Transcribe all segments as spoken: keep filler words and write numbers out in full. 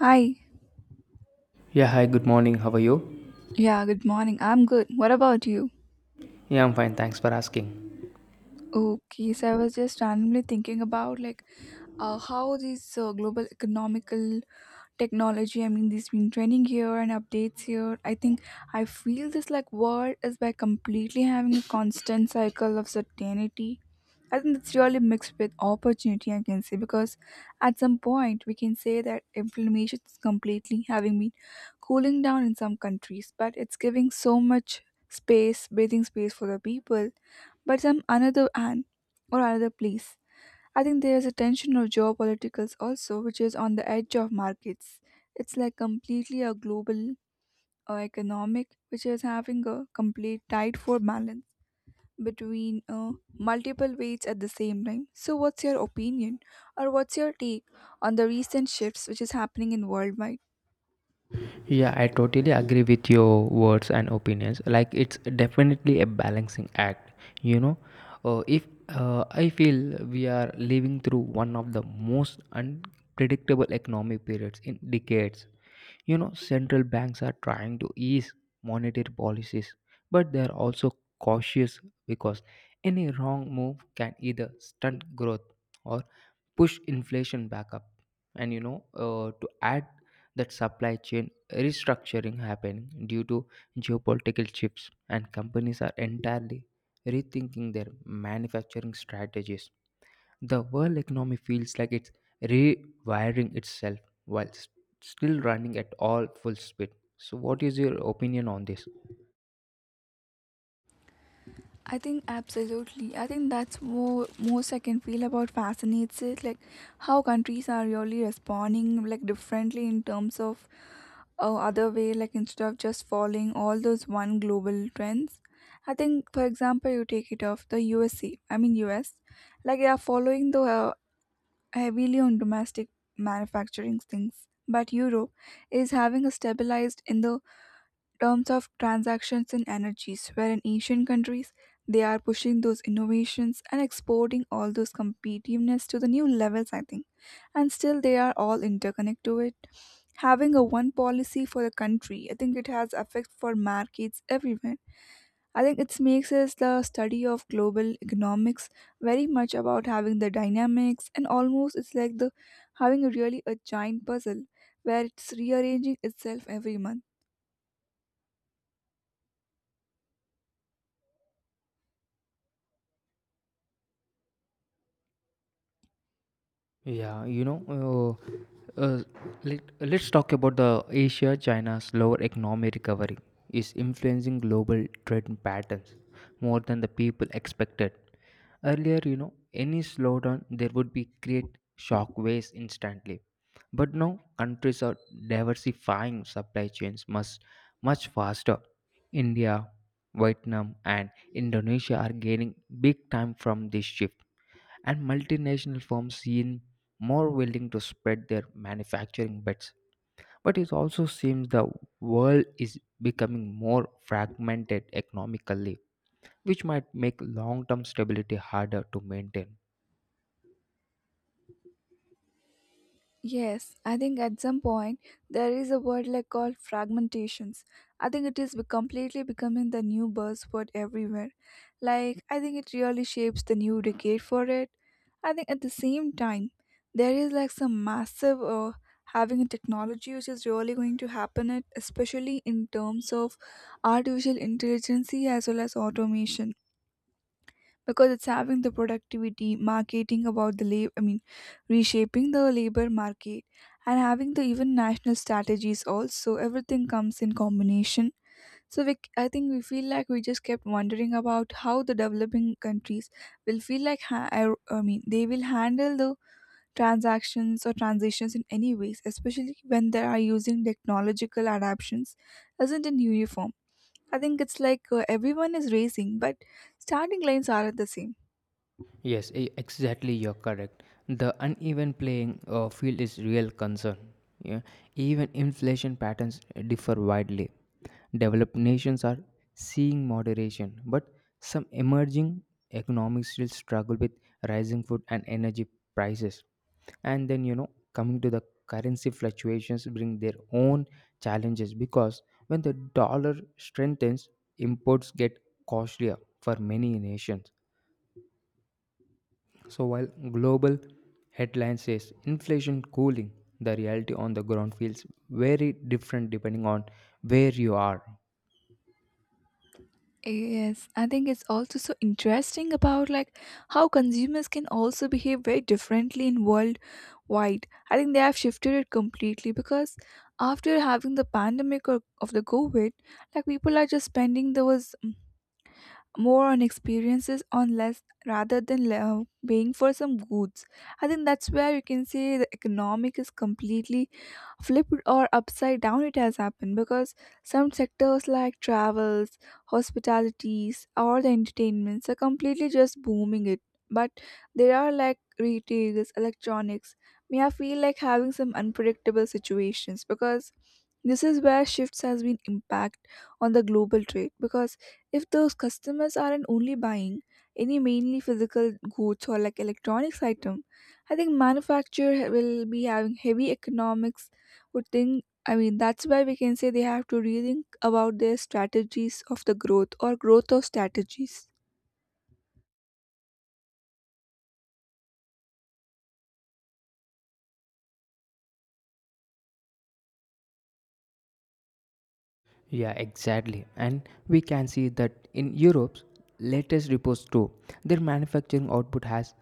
Hi. Yeah, hi, good morning. How are you? Yeah, good morning. I'm good. What about you? Yeah, I'm fine. Thanks for asking. Okay, so I was just randomly thinking about like uh, how this uh, global economical technology. I mean, there's been training here and updates here. I think I feel this like world is by completely having a constant cycle of certainty. I think it's really mixed with opportunity, I can say, because at some point we can say that inflammation is completely having been cooling down in some countries, but it's giving so much space, breathing space for the people. But some another and or another place I think there is a tension of geopolitics also, which is on the edge of markets. It's like completely a global uh, economic, which is having a complete tight for balance between uh, multiple weights at the same time. So, what's your opinion or what's your take on the recent shifts which is happening in worldwide? Yeah, I totally agree with your words and opinions. Like, it's definitely a balancing act. You know, uh, if uh, I feel we are living through one of the most unpredictable economic periods in decades. You know, central banks are trying to ease monetary policies, but they're also cautious because any wrong move can either stunt growth or push inflation back up, and you know uh, to add that, supply chain restructuring happening due to geopolitical shifts and companies are entirely rethinking their manufacturing strategies, the world economy feels like it's rewiring itself while s- still running at all full speed. So what is your opinion on this? I think absolutely. I think that's more most I can feel about fascinates it, like how countries are really responding like differently in terms of uh, other way like instead of just following all those one global trends. I think for example you take it of the usc, I mean us, like they are following the uh, heavily on domestic manufacturing things, but europe is having a stabilized in the terms of transactions and energies, where in Asian countries they are pushing those innovations and exporting all those competitiveness to the new levels, I think. And still they are all interconnected to it. Having a one policy for the country, I think it has effect for markets everywhere. I think it makes us the study of global economics very much about having the dynamics and almost it's like the having a really a giant puzzle where it's rearranging itself every month. Yeah, you know, uh, uh, let, uh, let's talk about the Asia China's slower economic recovery is influencing global trade patterns more than the people expected. Earlier, you know, any slowdown there would be create shock waves instantly. But now countries are diversifying supply chains much much faster. India, Vietnam and Indonesia are gaining big time from this shift, and multinational firms seem more willing to spread their manufacturing bets. But it also seems the world is becoming more fragmented economically, which might make long term stability harder to maintain. Yes, I think at some point there is a word like called fragmentations. I think it is be- completely becoming the new buzzword everywhere. Like I think it really shapes the new decade for it. I think at the same time there is like some massive uh, having a technology which is really going to happen it, especially in terms of artificial intelligence as well as automation, because it's having the productivity marketing about the labor, I mean reshaping the labor market and having the even national strategies also everything comes in combination. So we, i think we feel like we just kept wondering about how the developing countries will feel like ha- i I mean they will handle the transactions or transitions in any ways, especially when they are using technological adaptations isn't in uniform. I think it's like uh, everyone is racing, but starting lines aren't the same. Yes, e- exactly. You're correct. The uneven playing uh, field is real concern. Yeah, even inflation patterns uh, differ widely. Developed nations are seeing moderation, but some emerging economies still struggle with rising food and energy prices. And then, you know, coming to the currency fluctuations, bring their own challenges because when the dollar strengthens, imports get costlier for many nations. So while global headline says inflation cooling, the reality on the ground feels very different depending on where you are. Yes, I think it's also so interesting about like how consumers can also behave very differently in world wide. I think they have shifted it completely because after having the pandemic or of the COVID, like people are just spending those mm, more on experiences on less rather than le- uh, paying for some goods. I think that's where you can say the economic is completely flipped or upside down it has happened because some sectors like travels, hospitalities or the entertainments are completely just booming it, but there are like retails, electronics may I feel like having some unpredictable situations, because this is where shifts has been impact on the global trade. Because if those customers aren't only buying any mainly physical goods or like electronics item, I think manufacture ha- will be having heavy economics would think, I mean that's why we can say they have to rethink about their strategies of the growth or growth of strategies. Yeah, exactly. And we can see that in Europe's latest reports too, their manufacturing output has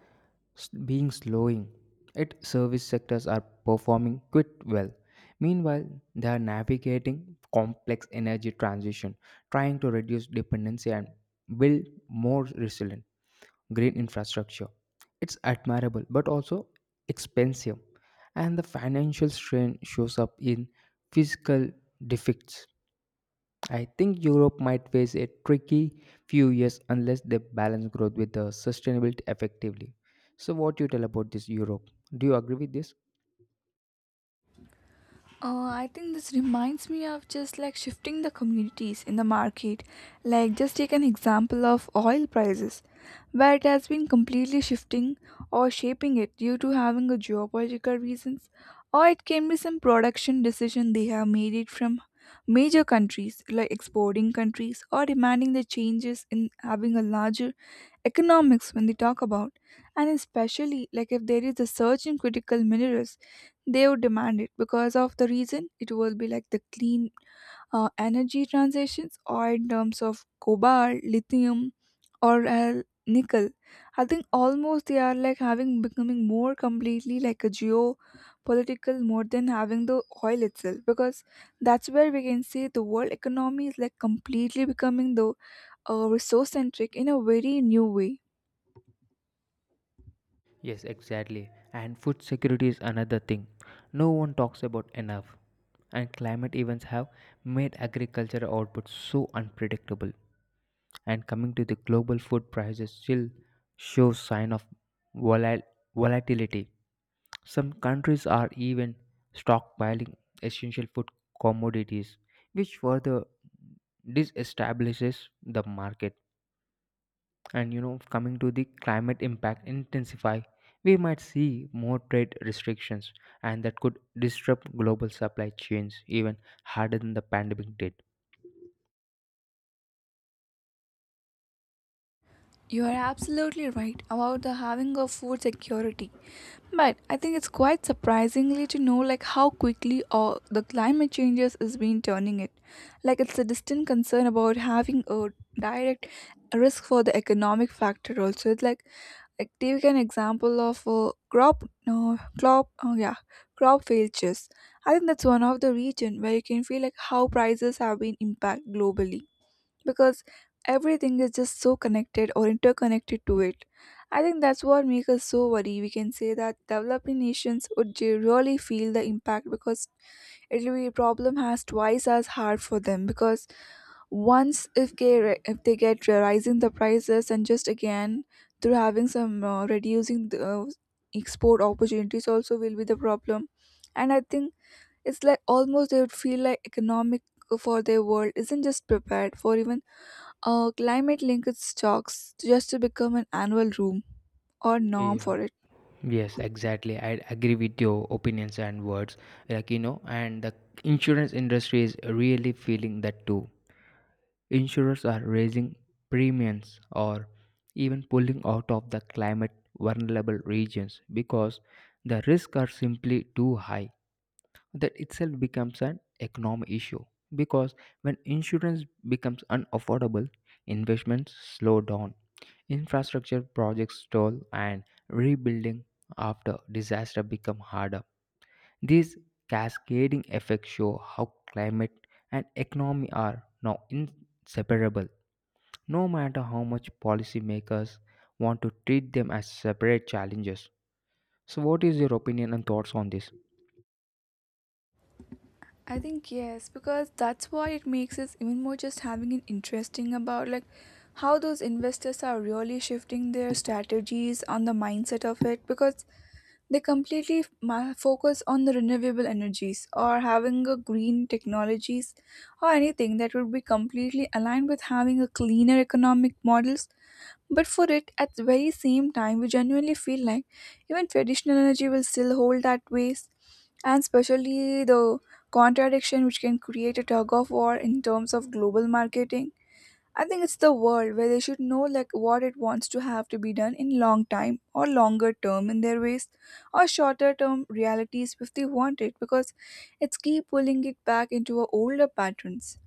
s- been slowing. Its service sectors are performing quite well. Meanwhile, they are navigating complex energy transition, trying to reduce dependency and build more resilience. Green infrastructure. It's admirable but also expensive, and the financial strain shows up in physical defects. I think Europe might face a tricky few years unless they balance growth with the sustainability effectively. So, what do you tell about this Europe? Do you agree with this? Uh, I think this reminds me of just like shifting the communities in the market. Like, just take an example of oil prices, where it has been completely shifting or shaping it due to having a geopolitical reasons, or it can be some production decision they have made it from major countries like exporting countries or demanding the changes in having a larger economics when they talk about. And especially like if there is a surge in critical minerals, they would demand it because of the reason it will be like the clean uh, energy transitions or in terms of cobalt, lithium or uh, nickel. I think almost they are like having becoming more completely like a geopolitical more than having the oil itself, because that's where we can see the world economy is like completely becoming the uh, resource centric in a very new way. Yes, exactly. And food security is another thing no one talks about enough. And climate events have made agricultural output so unpredictable. And coming to the global food prices, still show sign of volal- volatility. Some countries are even stockpiling essential food commodities, which further disestablishes the market. And you know, coming to the climate impact intensify, we might see more trade restrictions, and that could disrupt global supply chains even harder than the pandemic did. You are absolutely right about the having of food security. But I think it's quite surprisingly to know like how quickly all the climate changes is been turning it. Like it's a distant concern about having a direct risk for the economic factor also. It's like like take an example of a crop, no crop, oh yeah, crop failures. I think that's one of the region where you can feel like how prices have been impact globally, because everything is just so connected or interconnected to it. I think that's what makes us so worry. We can say that developing nations would ge- really feel the impact, because it will be a problem has twice as hard for them, because once if they re- if they get rising the prices and just again through having some uh, reducing the uh, export opportunities also will be the problem. And I think it's like almost they would feel like economic for their world isn't just prepared for even uh, climate linked stocks just to become an annual room or norm Yeah. for it. Yes, exactly. I agree with your opinions and words. Like, you know, and the insurance industry is really feeling that too. Insurers are raising premiums or even pulling out of the climate vulnerable regions because the risks are simply too high. That itself becomes an economic issue because when insurance becomes unaffordable, investments slow down, infrastructure projects stall, and rebuilding after disaster become harder. These cascading effects show how climate and economy are now inseparable, no matter how much policymakers want to treat them as separate challenges. So, what is your opinion and thoughts on this? I think yes, because that's why it makes us even more just having an interesting about like how those investors are really shifting their strategies on the mindset of it, because they completely ma- focus on the renewable energies or having a green technologies or anything that would be completely aligned with having a cleaner economic models. But for it, at the very same time, we genuinely feel like even traditional energy will still hold that ways, and especially the contradiction which can create a tug of war in terms of global marketing. I think it's the world where they should know like what it wants to have to be done in long time or longer term in their ways or shorter term realities if they want it, because it's keep pulling it back into our older patterns.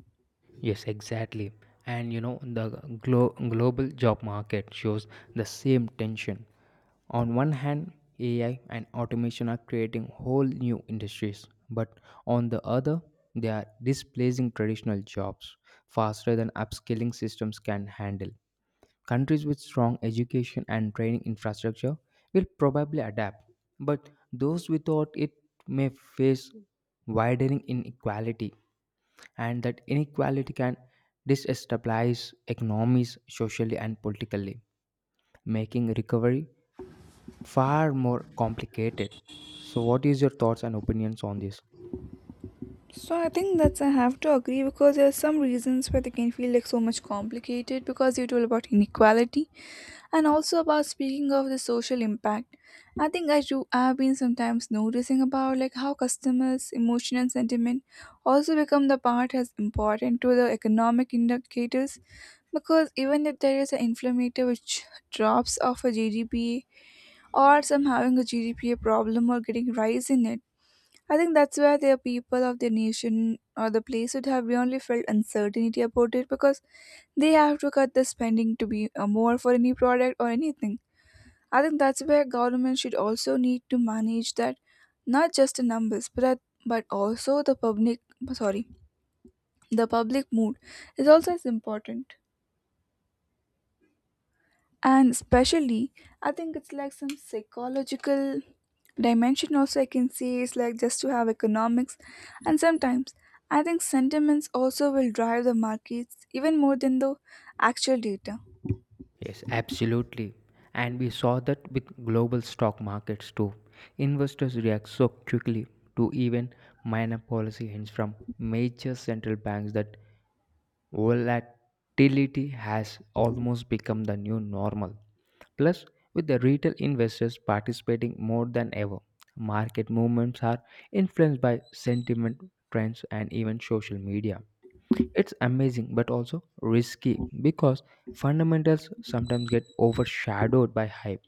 Yes, exactly. And you know, the glo- global job market shows the same tension. On one hand, A I and automation are creating whole new industries, but on the other, they are displacing traditional jobs faster than upskilling systems can handle. Countries with strong education and training infrastructure will probably adapt, but those without it may face widening inequality, and that inequality can destabilize economies socially and politically, making recovery far more complicated. So, what is your thoughts and opinions on this? So I think that's I have to agree, because there are some reasons where they can feel like so much complicated because you told about inequality. And also about speaking of the social impact, I think I do I've been sometimes noticing about like how customers' emotion and sentiment also become the part as important to the economic indicators, because even if there is an inflammatory which drops off a G D P or some having a G D P problem or getting rise in it, I think that's where the people of the nation or the place would have really felt uncertainty about it, because they have to cut the spending to be uh, more for any product or anything. I think that's where government should also need to manage that, not just the numbers, but at- but also the public. Sorry, the public mood is also as important, and especially I think it's like some psychological dimension also. I can say it's like just to have economics, and sometimes I think sentiments also will drive the markets even more than the actual data. Yes, absolutely. And we saw that with global stock markets too. Investors react so quickly to even minor policy hints from major central banks that volatility has almost become the new normal. Plus, with the retail investors participating more than ever, market movements are influenced by sentiment, trends, and even social media. It's amazing but also risky because fundamentals sometimes get overshadowed by hype.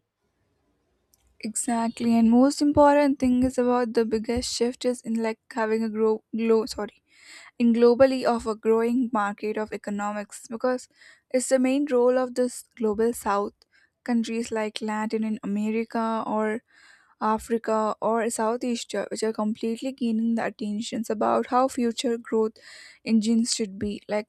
Exactly, and most important thing is about the biggest shift is in like having a grow glow. Sorry in globally of a growing market of economics, because it's the main role of this global south countries like latin in america or africa or south asia, which are completely gaining the attentions about how future growth engines should be like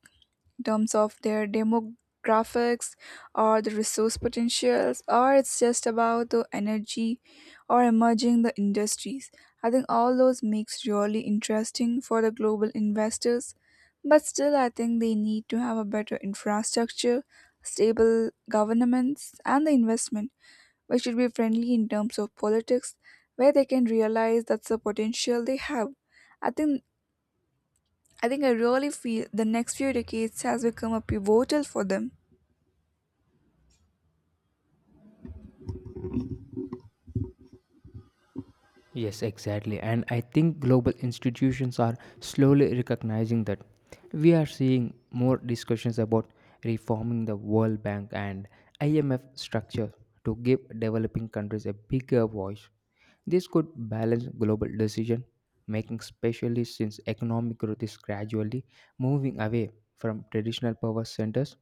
terms of their demographics or the resource potentials or it's just about the energy or emerging the industries. I think all those makes really interesting for the global investors, but still I think they need to have a better infrastructure, stable governments and the investment which should be friendly in terms of politics where they can realize that's the potential they have. i think I think I really feel the next few decades has become a pivotal for them. Yes, exactly. And I think global institutions are slowly recognizing that. We are seeing more discussions about reforming the World Bank and I M F structure to give developing countries a bigger voice. This could balance global decision making, especially since economic growth is gradually moving away from traditional power centers,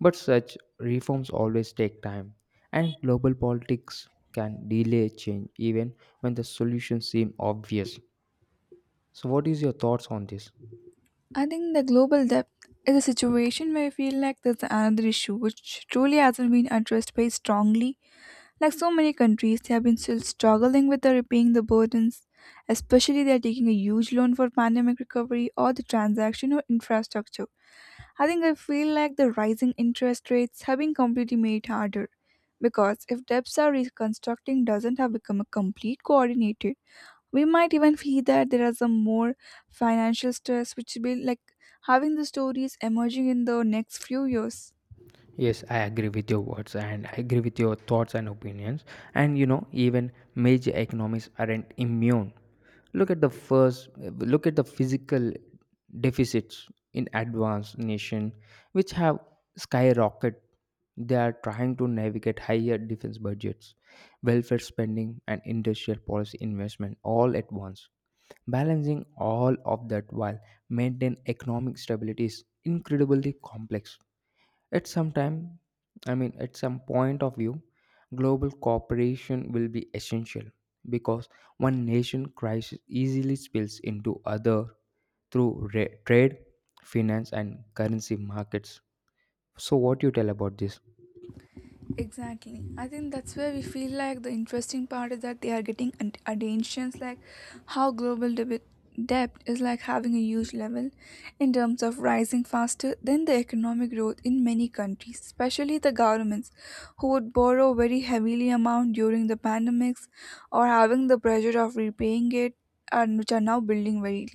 but such reforms always take time, and global politics can delay change even when the solutions seem obvious. So, what is your thoughts on this? I think the global debt is a situation where I feel like there's another issue which truly hasn't been addressed very strongly. Like so many countries, they have been still struggling with the repaying the burdens, especially they are taking a huge loan for pandemic recovery or the transaction or infrastructure. I think I feel like the rising interest rates have been completely made harder, because if debts are reconstructing doesn't have become a complete coordinated, we might even feel that there is a more financial stress which will be like having the stories emerging in the next few years. Yes, I agree with your words, and I agree with your thoughts and opinions. And you know, even major economies aren't immune. Look at the first, look at the physical deficits in advanced nation, which have skyrocketed. They are trying to navigate higher defense budgets, welfare spending, and industrial policy investment all at once. Balancing all of that while maintaining economic stability is incredibly complex. At some time, I mean, at some point of view, global cooperation will be essential because one nation crisis easily spills into other through ra- trade, finance, and currency markets. So, what you tell about this? Exactly. I think that's where we feel like the interesting part is that they are getting at- attentions like how global deb- debt is like having a huge level in terms of rising faster than the economic growth in many countries, especially the governments who would borrow very heavily amount during the pandemics or having the pressure of repaying it and which are now building very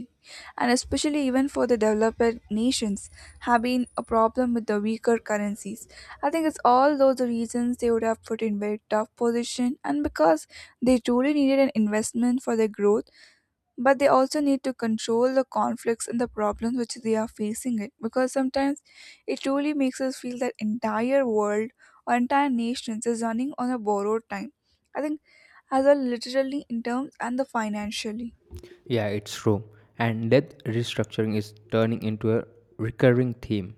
and especially even for the developed nations have been a problem with the weaker currencies. I think it's all those reasons they would have put in very tough position, and because they truly needed an investment for their growth, but they also need to control the conflicts and the problems which they are facing it, because sometimes it truly makes us feel that entire world or entire nations is running on a borrowed time. I think as well literally in terms and the financially. Yeah, it's true. And debt restructuring is turning into a recurring theme.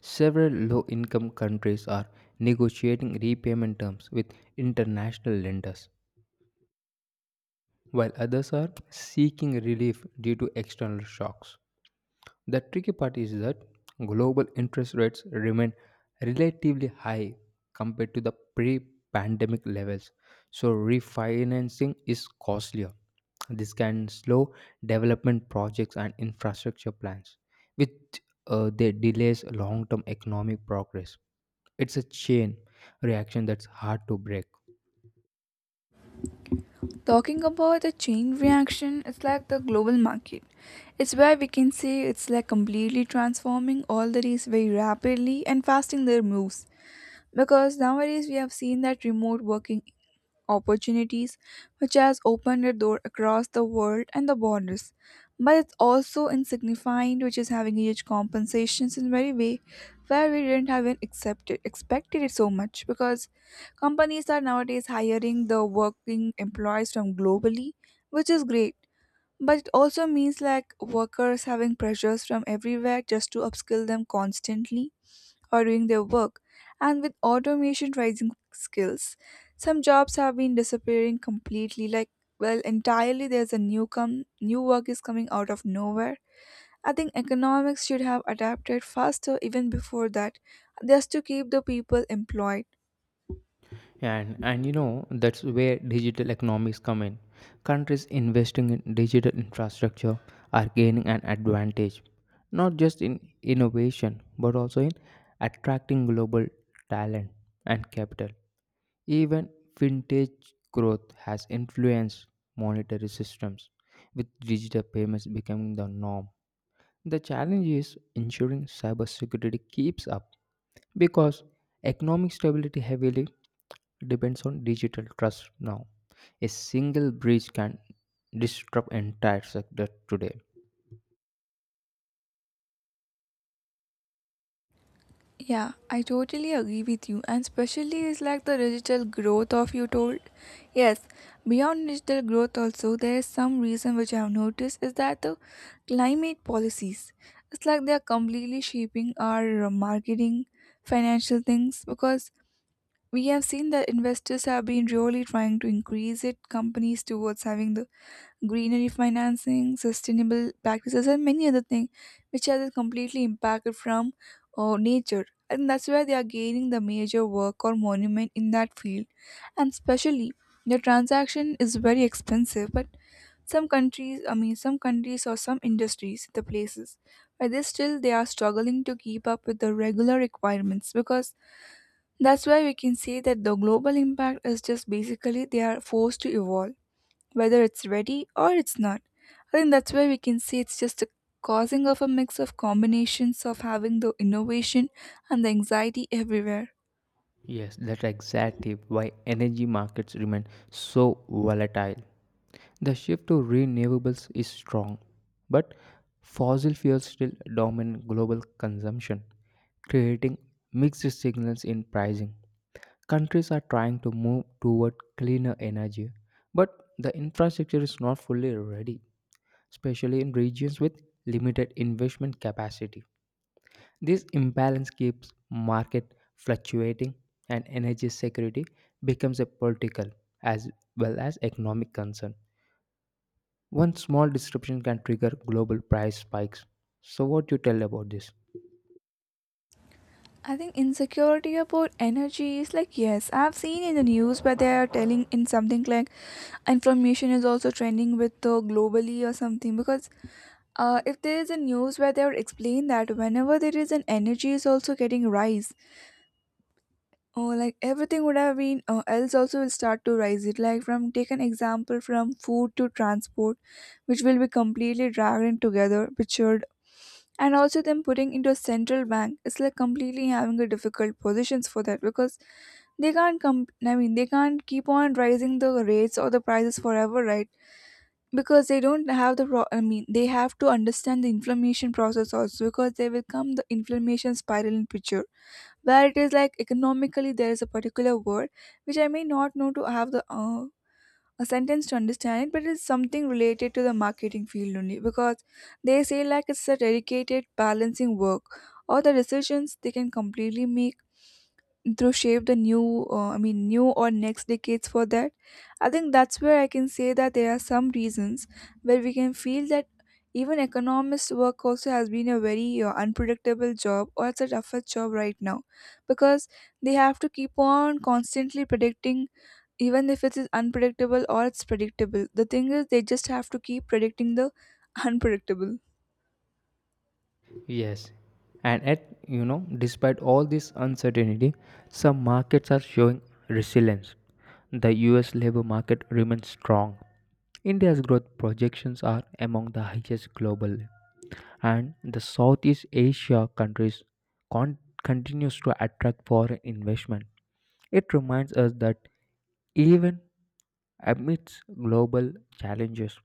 Several low income countries are negotiating repayment terms with international lenders, while others are seeking relief due to external shocks. The tricky part is that global interest rates remain relatively high compared to the pre pandemic levels, so refinancing is costlier. This can slow development projects and infrastructure plans, which uh, they delays long term economic progress. It's a chain reaction that's hard to break. Talking about the chain reaction, it's like the global market. It's where we can say it's like completely transforming all the days very rapidly and fasting their moves. Because nowadays we have seen that remote working opportunities, which has opened a door across the world and the borders. But it's also insignificant, which is having huge compensations in very way where we didn't have even accepted expected it so much, because companies are nowadays hiring the working employees from globally, which is great. But it also means like workers having pressures from everywhere just to upskill them constantly or doing their work. And with automation rising skills, some jobs have been disappearing completely. Like, well, entirely there's a new come new work is coming out of nowhere. I think economics should have adapted faster even before that, just to keep the people employed. And and you know, that's where digital economies come in. Countries investing in digital infrastructure are gaining an advantage, not just in innovation but also in attracting global talent and capital. Even fintech growth has influenced monetary systems, with digital payments becoming the norm. The challenge is ensuring cybersecurity keeps up because economic stability heavily depends on digital trust now. A single breach can disrupt entire sector today. Yeah, I totally agree with you, and especially is like the digital growth of you told. Yes, beyond digital growth, also there is some reason which I have noticed is that the climate policies. It's like they are completely shaping our marketing, financial things, because we have seen that investors have been really trying to increase it companies towards having the greenery financing, sustainable practices, and many other things which are completely impacted from uh, nature. And that's why they are gaining the major work or monument in that field. And especially, the transaction is very expensive, but some countries, I mean, some countries or some industries, the places, but they still they are struggling to keep up with the regular requirements, because that's why we can say that the global impact is just basically they are forced to evolve whether it's ready or it's not. I think that's where we can see it's just a causing of a mix of combinations of having the innovation and the anxiety everywhere. Yes, that's exactly why energy markets remain so volatile. The shift to renewables is strong, but fossil fuels still dominate global consumption, creating mixed signals in pricing. Countries are trying to move toward cleaner energy, but the infrastructure is not fully ready, especially in regions with limited investment capacity. This imbalance keeps market fluctuating, and energy security becomes a political as well as economic concern. One small disruption can trigger global price spikes. So what do you tell about this? I think insecurity about energy is like, yes, I've seen in the news where they are telling in something like inflammation is also trending with the globally or something, because uh, if there is a news where they would explain that whenever there is an energy is also getting rise. Oh, like everything would have been uh, else also will start to rise it, like from, take an example, from food to transport, which will be completely dragged in together pictured, and also them putting into a central bank, it's like completely having a difficult positions for that, because they can't come, I mean, they can't keep on rising the rates or the prices forever, right? Because they don't have the pro- I mean, they have to understand the inflammation process also, because they will come the inflammation spiral in picture, where it is like economically there is a particular word which I may not know to have the uh, a sentence to understand it, but it's something related to the marketing field only, because they say like it's a dedicated balancing work or the decisions they can completely make through shape the new uh, I mean, new or next decades for that. I think that's where I can say that there are some reasons where we can feel that even economist work also has been a very uh, unpredictable job, or it's a tougher job right now, because they have to keep on constantly predicting, even if it is unpredictable or it's predictable, the thing is they just have to keep predicting the unpredictable. Yes. And at you know, despite all this uncertainty, some markets are showing resilience. The U S labor market remains strong. India's growth projections are among the highest globally, and the Southeast Asia countries con- continues to attract foreign investment. It reminds us that even amidst global challenges,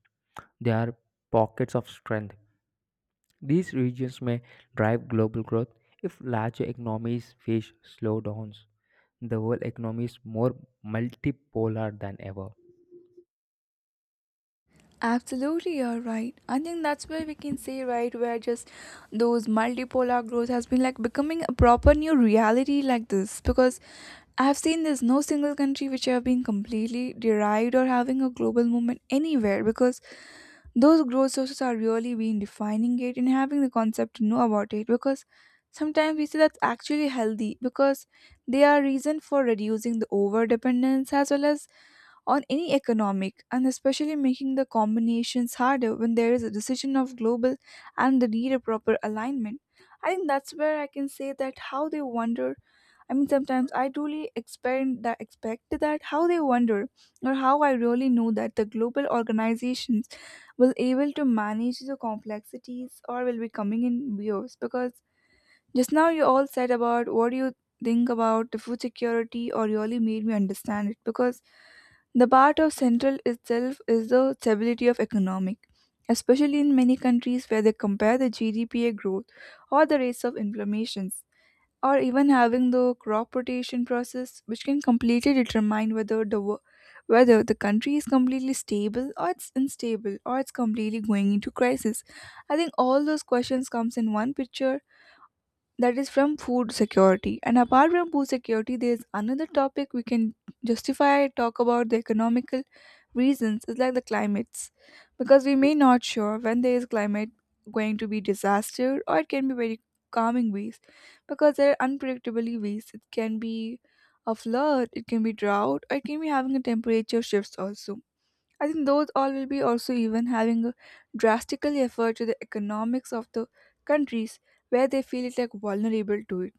there are pockets of strength. These regions may drive global growth if larger economies face slowdowns. The world economy is more multipolar than ever. Absolutely, you're right. I think that's where we can say, right, where just those multipolar growth has been like becoming a proper new reality like this. Because I've seen there's no single country which have been completely derived or having a global movement anywhere, because those growth sources are really being defining it and having the concept to know about it, because sometimes we see that's actually healthy, because they are reason for reducing the over dependence as well as on any economic, and especially making the combinations harder when there is a decision of global and the need a proper alignment. I think that's where I can say that how they wonder, I mean, sometimes I truly expect that expect that how they wonder, or how I really know that the global organizations will able to manage the complexities or will be coming in waves, because just now, you all said about what you think about the food security, or really made me understand it, because the part of central itself is the stability of economic, especially in many countries where they compare the G D P growth or the rates of inflammations, or even having the crop rotation process, which can completely determine whether the wo- whether the country is completely stable or it's unstable or it's completely going into crisis. I think all those questions comes in one picture, that is from food security, and apart from food security there is another topic we can justify talk about, the economical reasons is like the climates, because we may not sure when there is climate going to be disaster or it can be very calming ways, because there are unpredictably ways it can be a flood, it can be drought, or it can be having a temperature shifts also. I think those all will be also even having a drastical effort to the economics of the countries where they feel it like vulnerable to it.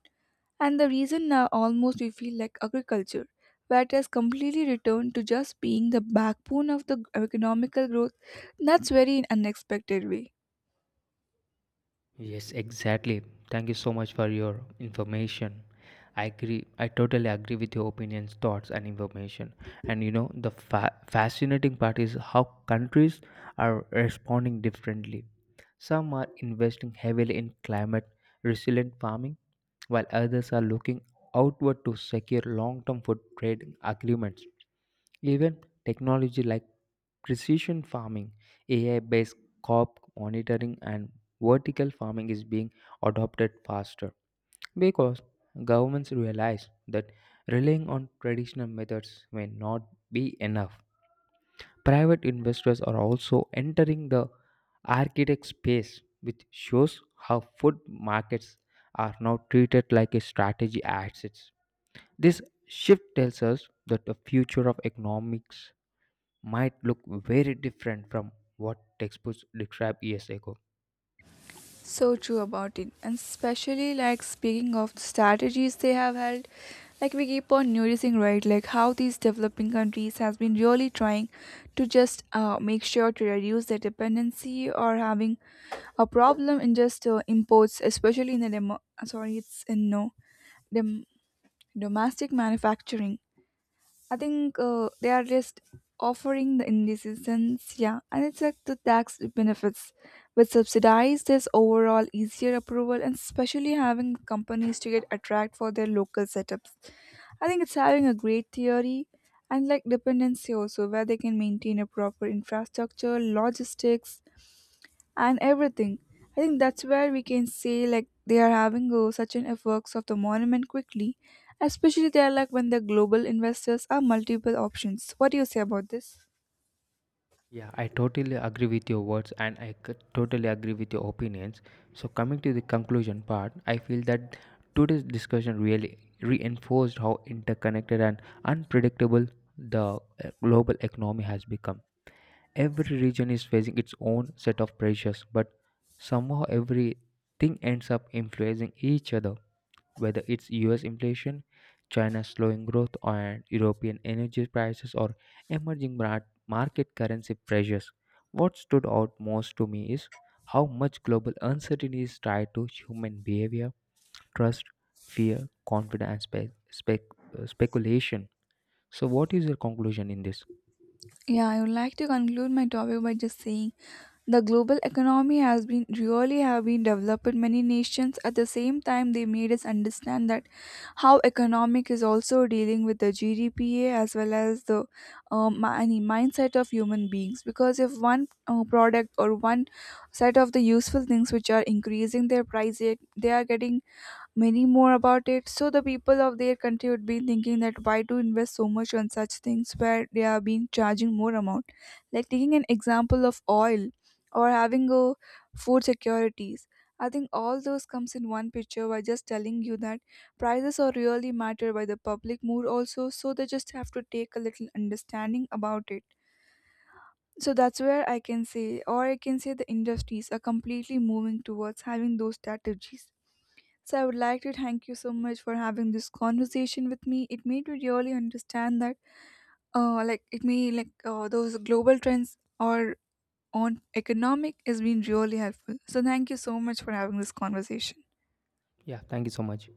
And the reason now almost we feel like agriculture, where it has completely returned to just being the backbone of the economical growth, that's very unexpected way. Yes, exactly. Thank you so much for your information. I agree. I totally agree with your opinions, thoughts, and information. And you know, the fa- fascinating part is how countries are responding differently. Some are investing heavily in climate resilient farming, while others are looking outward to secure long term food trade agreements. Even technology like precision farming, A I based crop monitoring, and vertical farming is being adopted faster because governments realize that relying on traditional methods may not be enough. Private investors are also entering the architect space, which shows how food markets are now treated like a strategy assets. This shift tells us that the future of economics might look very different from what textbooks described years ago. So true about it, and especially like speaking of strategies they have held, like we keep on noticing, right, like how these developing countries has been really trying to just uh, make sure to reduce their dependency or having a problem in just uh, imports, especially in the demo, sorry, it's in no dem- domestic manufacturing. I think uh, they are just offering the indecisions, yeah, and it's like the tax benefits, which subsidize this overall easier approval, and especially having companies to get attract for their local setups. I think it's having a great theory, and like dependency also, where they can maintain a proper infrastructure, logistics, and everything. I think that's where we can say like they are having uh, such an effects of the monument quickly, especially they are like when the global investors are multiple options. What do you say about this? Yeah, I totally agree with your words, and I c- totally agree with your opinions. So, coming to the conclusion part, I feel that today's discussion really reinforced how interconnected and unpredictable the uh, global economy has become. Every region is facing its own set of pressures, but somehow everything ends up influencing each other, whether it's U S inflation, China's slowing growth, and European energy prices, or emerging mar- market currency pressures. What stood out most to me is how much global uncertainty is tied to human behavior, trust, fear, confidence, and spe- spec- uh, speculation. So, what is your conclusion in this? Yeah, I would like to conclude my topic by just saying the global economy has been really have been developed in many nations, at the same time they made us understand that how economic is also dealing with the G D P A as well as the um, mi- any mindset of human beings, because if one uh, product or one set of the useful things which are increasing their price it- they are getting many more about it. So the people of their country would be thinking that why to invest so much on such things where they are being charging more amount. Like taking an example of oil or having a food securities. I think all those comes in one picture by just telling you that prices are really matter by the public mood also. So they just have to take a little understanding about it. So that's where I can say, or I can say the industries are completely moving towards having those strategies. So I would like to thank you so much for having this conversation with me. It made me really understand that, uh, like it may like uh, those global trends or on economic has been really helpful. So thank you so much for having this conversation. Yeah, thank you so much.